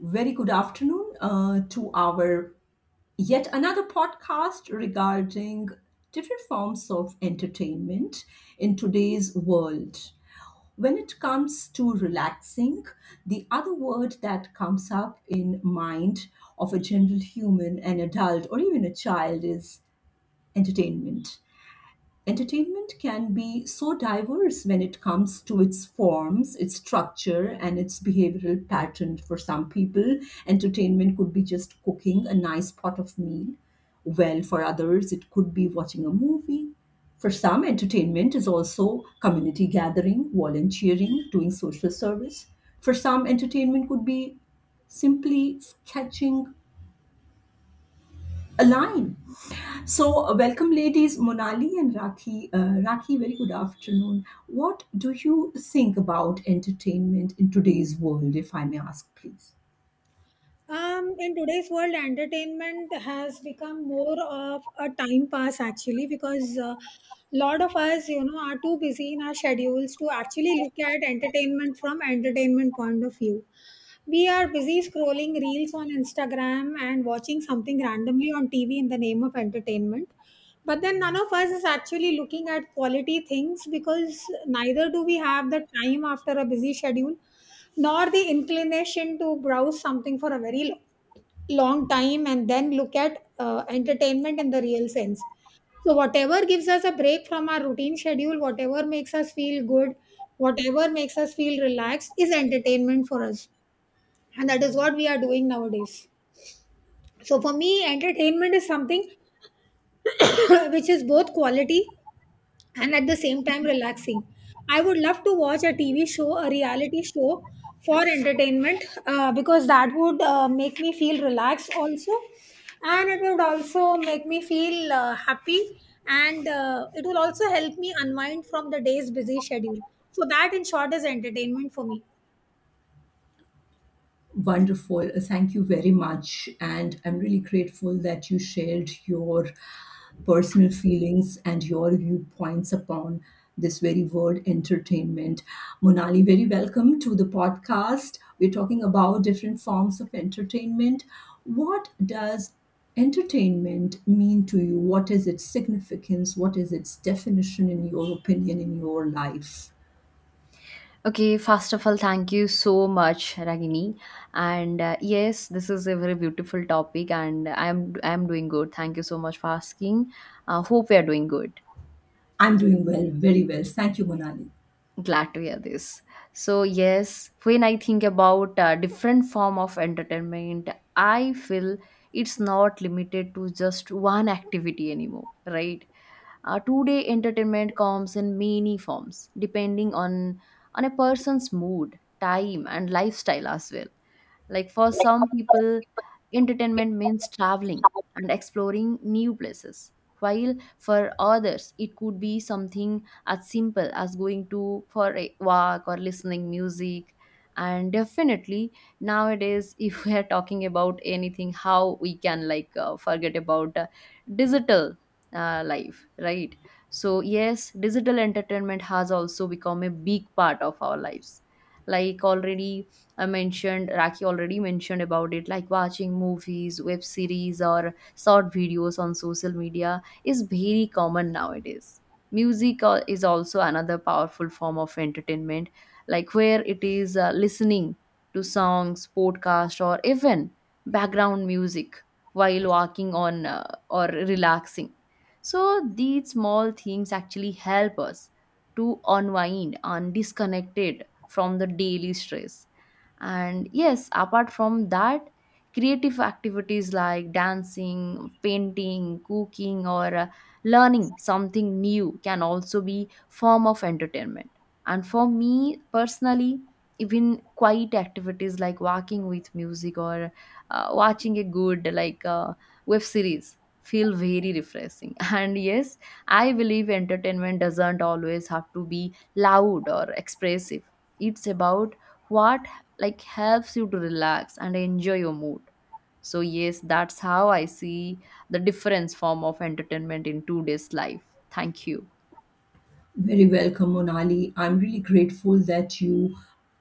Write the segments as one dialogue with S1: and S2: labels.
S1: Very good afternoon to our yet another podcast regarding different forms of entertainment in today's world. When it comes to relaxing, the other word that comes up in mind of a general human, an adult, or even a child is entertainment. Entertainment can be so diverse when it comes to its forms, its structure, and its behavioral pattern. For some people, entertainment could be just cooking a nice pot of meal. Well, for others, it could be watching a movie. For some, entertainment is also community gathering, volunteering, doing social service. For some, entertainment could be simply sketching a line so, welcome, ladies, Monali and Rakhi. Rakhi, very good afternoon. What do you think about entertainment in today's world, if I may ask, please?
S2: In today's world, entertainment has become more of a time pass actually because a lot of us, are too busy in our schedules to actually look at entertainment from entertainment point of view. We are busy scrolling reels on Instagram and watching something randomly on TV in the name of entertainment. But then none of us is actually looking at quality things because neither do we have the time after a busy schedule nor the inclination to browse something for a very long time and then look at entertainment in the real sense. So, whatever gives us a break from our routine schedule, whatever makes us feel good, whatever makes us feel relaxed is entertainment for us. And that is what we are doing nowadays. So, for me, entertainment is something which is both quality and at the same time relaxing. I would love to watch a TV show, a reality show for entertainment because that would make me feel relaxed also, and it would also make me feel happy, and it will also help me unwind from the day's busy schedule. So, that in short is entertainment for me.
S1: Wonderful. Thank you very much. And I'm really grateful that you shared your personal feelings and your viewpoints upon this very word entertainment. Monali, very welcome to the podcast. We're talking about different forms of entertainment. What does entertainment mean to you? What is its significance? What is its definition in your opinion in your life?
S3: Okay, first of all, thank you so much, Ragini. And Yes, this is a very beautiful topic, and I'm doing good. Thank you so much for asking. Hope you are doing good.
S1: I'm doing well, very well. Thank you, Monali.
S3: Glad to hear this. So yes, when I think about different form of entertainment, I feel it's not limited to just one activity anymore, right? Today, entertainment comes in many forms, depending on a person's mood, time, and lifestyle as well. Like for some people, entertainment means traveling and exploring new places, while for others, it could be something as simple as going to for a walk or listening music. And definitely nowadays, if we are talking about anything, how we can like forget about digital life, right? So yes, digital entertainment has also become a big part of our lives. Like already I mentioned, Raki already mentioned about it, like watching movies, web series, or short videos on social media is very common nowadays. Music is also another powerful form of entertainment, like where it is listening to songs, podcast, or even background music while walking on or relaxing. So these small things actually help us to unwind and disconnected from the daily stress. And yes, apart from that, creative activities like dancing, painting, cooking, or learning something new can also be form of entertainment. And for me personally, even quiet activities like walking with music or watching a good web series feel very refreshing, and yes, I believe entertainment doesn't always have to be loud or expressive. It's about what like helps you to relax and enjoy your mood. So yes, that's how I see the difference form of entertainment in today's life. Thank you.
S1: Very welcome, Monali. I'm really grateful that you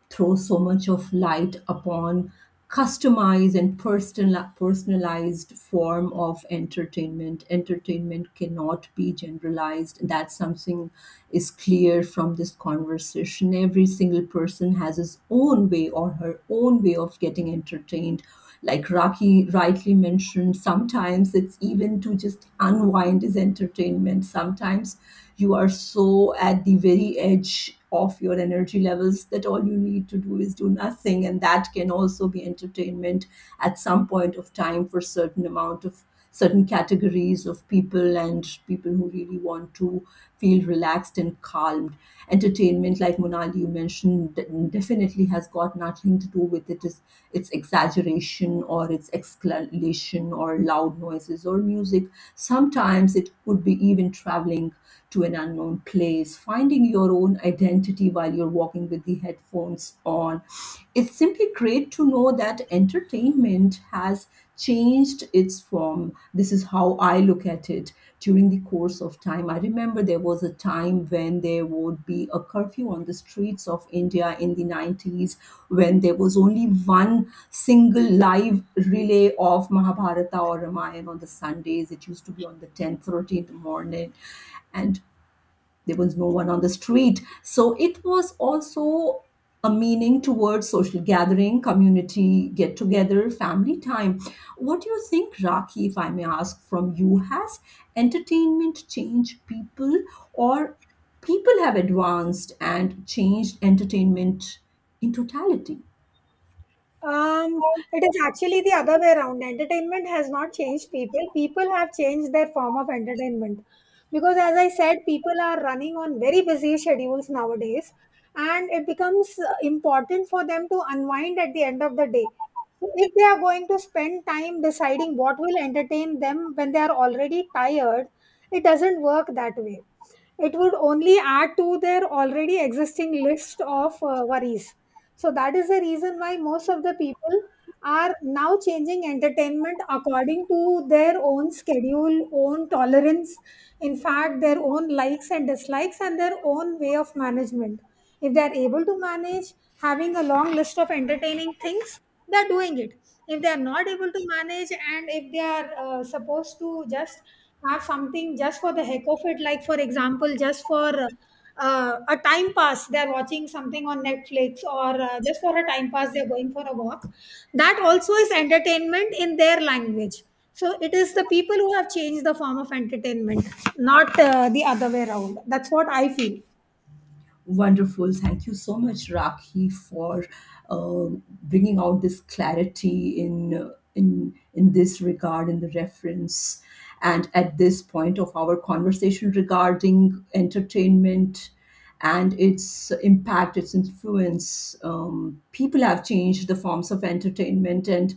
S1: throw so much of light upon customized and personal, personalized form of entertainment. Entertainment cannot be generalized. That's something is clear from this conversation. Every single person has his own way or her own way of getting entertained, like Rocky rightly mentioned, sometimes it's even to just unwind is entertainment. Sometimes you are so at the very edge of your energy levels that all you need to do is do nothing. And that can also be entertainment at some point of time for certain amount of certain categories of people and people who really want to feel relaxed and calmed. Entertainment, like Monali, you mentioned, definitely has got nothing to do with it is its exaggeration or its exclamation or loud noises or music. Sometimes it could be even traveling to an unknown place, finding your own identity while you're walking with the headphones on. It's simply great to know that entertainment has changed its form. This is how I look at it during the course of time. I remember there was a time when there would be a curfew on the streets of India in the 90s, when there was only one single live relay of Mahabharata or Ramayana on the Sundays. It used to be on the 10th, 13th morning, and there was no one on the street. So it was also a meaning towards social gathering, community get together, family time. What do you think, Raki, if I may ask from you, has entertainment changed people or people have advanced and changed entertainment in totality?
S2: Um, it is actually the other way around. Entertainment has not changed people. People have changed their form of entertainment. Because, as I said, people are running on very busy schedules nowadays, and it becomes important for them to unwind at the end of the day. So, if they are going to spend time deciding what will entertain them when they are already tired, it doesn't work that way. It would only add to their already existing list of worries. So, that is the reason why most of the people are now changing entertainment according to their own schedule, own tolerance, in fact, their own likes and dislikes, and their own way of management. If they are able to manage having a long list of entertaining things, they're doing it. If they are not able to manage and if they are supposed to just have something just for the heck of it, like for example just for a time pass, they're watching something on Netflix, or just for a time pass they're going for a walk, that also is entertainment in their language. So it is the people who have changed the form of entertainment, not the other way around. That's what I feel.
S1: Wonderful. Thank you so much, Rakhi, for uh, bringing out this clarity in in this regard, in the reference, and at this point of our conversation regarding entertainment and its impact, its influence. People have changed the forms of entertainment and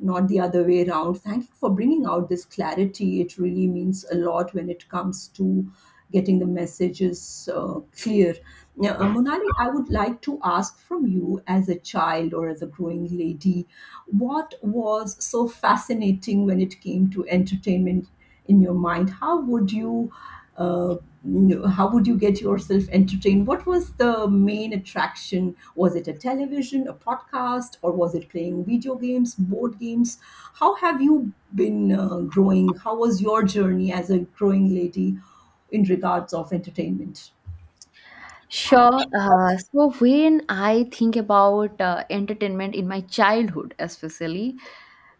S1: not the other way around. Thank you for bringing out this clarity. It really means a lot when it comes to getting the messages clear. Now, Monali, I would like to ask from you as a child or as a growing lady, what was so fascinating when it came to entertainment? In your mind, how would you uh, how would you get yourself entertained? What was the main attraction? Was it a television, a podcast, or was it playing video games, board games? How have you been growing? How was your journey as a growing lady in regards of entertainment?
S3: Sure. So when I think about entertainment in my childhood, especially,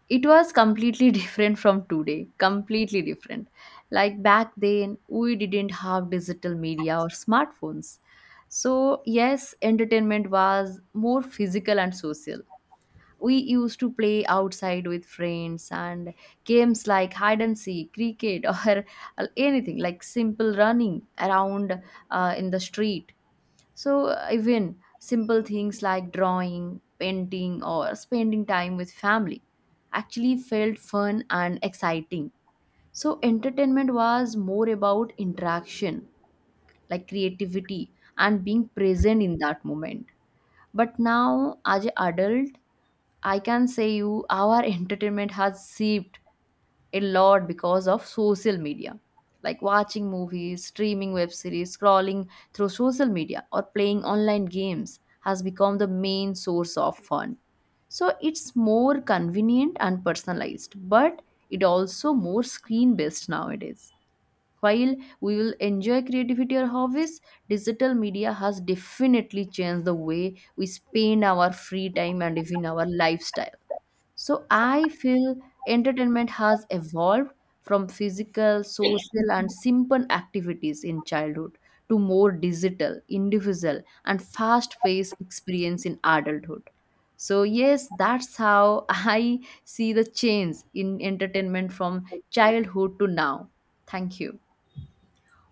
S3: it was completely different from today. Completely different. Like back then, we didn't have digital media or smartphones. So, yes, entertainment was more physical and social. We used to play outside with friends and games like hide and seek, cricket, or anything like simple running around in the street. So, even simple things like drawing, painting, or spending time with family actually felt fun and exciting. So, entertainment was more about interaction, like creativity, and being present in that moment. But now, as an adult, I can say you our entertainment has seeped a lot because of social media. Like watching movies, streaming web series, scrolling through social media, or playing online games has become the main source of fun. So it's more convenient and personalized, but it also more screen based nowadays. While we will enjoy creativity or hobbies, digital media has definitely changed the way we spend our free time and even our lifestyle. So I feel entertainment has evolved from physical, social, and simple activities in childhood to more digital, individual, and fast paced experience in adulthood. So, yes, that's how I see the change in entertainment from childhood to now. Thank you.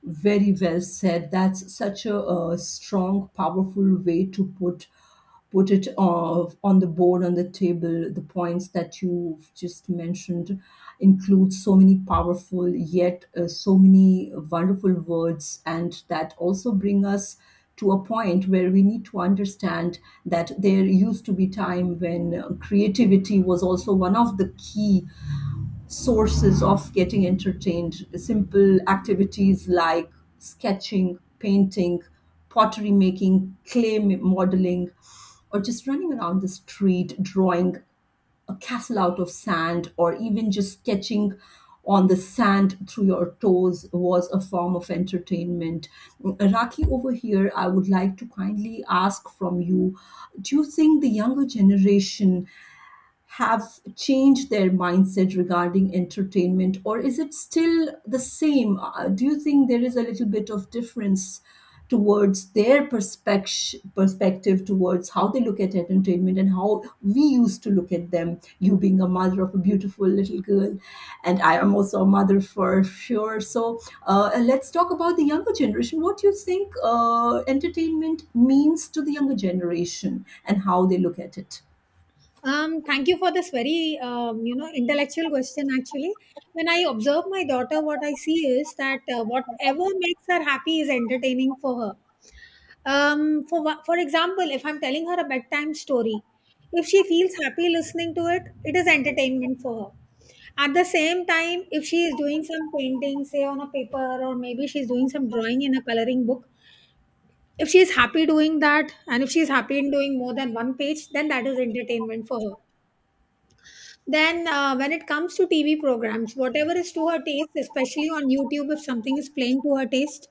S1: Very well said. That's such a, strong, powerful way to put it on the board, on the table. The points that you've just mentioned include so many powerful, yet so many wonderful words, and that also bring us to a point where we need to understand that there used to be time when creativity was also one of the key sources of getting entertained. Simple activities like sketching, painting, pottery making, clay modeling, or just running around the street drawing a castle out of sand, or even just sketching on the sand through your toes was a form of entertainment. Raki, over here, I would like to kindly ask from you, do you think the younger generation have changed their mindset regarding entertainment, or is it still the same? Do you think there is a little bit of difference towards their perspective towards how they look at entertainment and how we used to look at them? You being a mother of a beautiful little girl, and I am also a mother for sure. So let's talk about the younger generation. What do you think entertainment means to the younger generation and how they look at it?
S2: Thank you for this very, intellectual question. Actually, when I observe my daughter, what I see is that whatever makes her happy is entertaining for her. For for example, if I'm telling her a bedtime story, if she feels happy listening to it, it is entertainment for her. At the same time, if she is doing some painting, say on a paper, or maybe she's doing some drawing in a coloring book, if she is happy doing that, and if she is happy in doing more than one page, then that is entertainment for her. Then, when it comes to TV programs, whatever is to her taste, especially on YouTube, if something is playing to her taste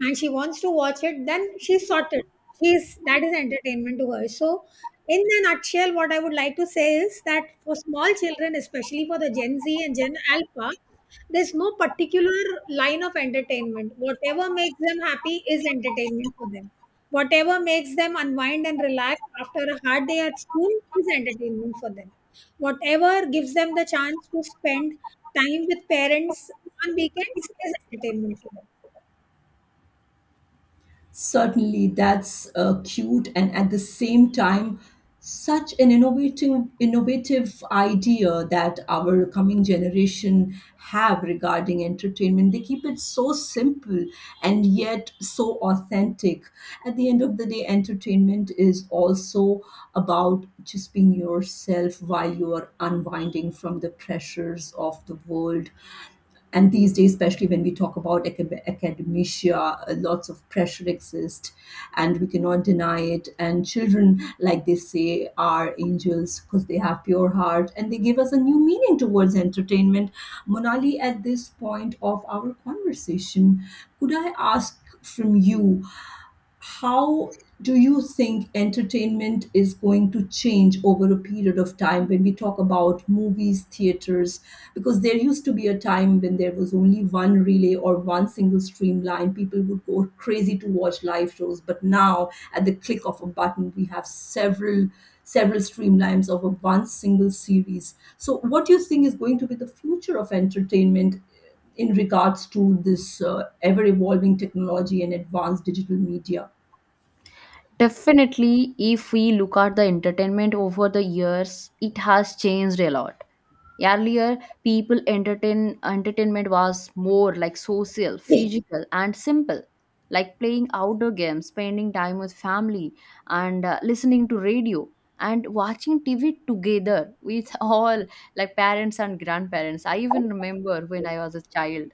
S2: and she wants to watch it, then she's sorted. She's That is entertainment to her. So, in a nutshell, what I would like to say is that for small children, especially for the Gen Z and Gen Alpha, there's no particular line of entertainment. Whatever makes them happy is entertainment for them. Whatever makes them unwind and relax after a hard day at school is entertainment for them. Whatever gives them the chance to spend time with parents on weekends is entertainment for them.
S1: Certainly, that's cute and at the same time, such an innovative idea that our coming generation have regarding entertainment. They keep it so simple and yet so authentic. At the end of the day, entertainment is also about just being yourself while you are unwinding from the pressures of the world. And these days, especially when we talk about academia, lots of pressure exists, and we cannot deny it. And children, like they say, are angels because they have pure heart, and they give us a new meaning towards entertainment. Monali, at this point of our conversation, could I ask from you, how do you think entertainment is going to change over a period of time when we talk about movies, theaters? Because there used to be a time when there was only one relay or one single streamline. People would go crazy to watch live shows, but now at the click of a button, we have several streamlines of a one single series. So, what do you think is going to be the future of entertainment in regards to this ever evolving technology and advanced digital media?
S3: Definitely, if we look at the entertainment over the years, it has changed a lot. Earlier, people entertain entertainment was more like social,
S2: Yeah.
S3: physical, and simple, like playing outdoor games, spending time with family, and listening to radio and watching TV together with all like parents and grandparents. I even remember when I was a child.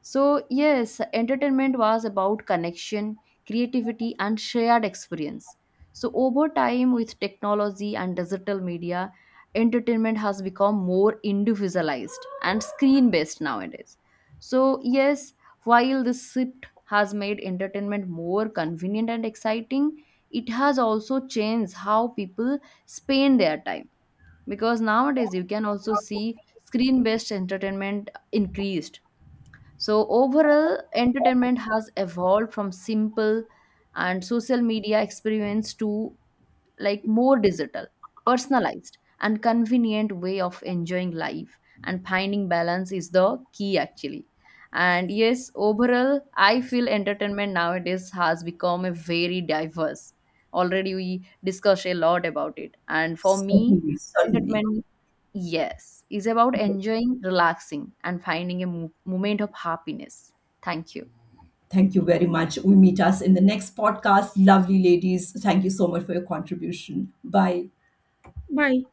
S3: So, yes, entertainment was about connection, creativity, and shared experience. So, over time, with technology and digital media, entertainment has become more individualized and screen based nowadays. So, yes, while this shift has made entertainment more convenient and exciting, it has also changed how people spend their time, because nowadays you can also see screen based entertainment increased. So overall, entertainment has evolved from simple and social media experience to like more digital, personalized, and convenient way of enjoying life. And finding balance is the key actually. And yes, overall, I feel entertainment nowadays has become a very diverse. Already we discussed a lot about it. And for me,
S1: Certainly, certainly.
S3: entertainment, yes, is about
S1: Yes.
S3: enjoying, relaxing, and finding a moment of happiness. Thank you.
S1: Thank you very much. We meet us in the next podcast. Lovely ladies, thank you so much for your contribution. Bye.
S2: Bye.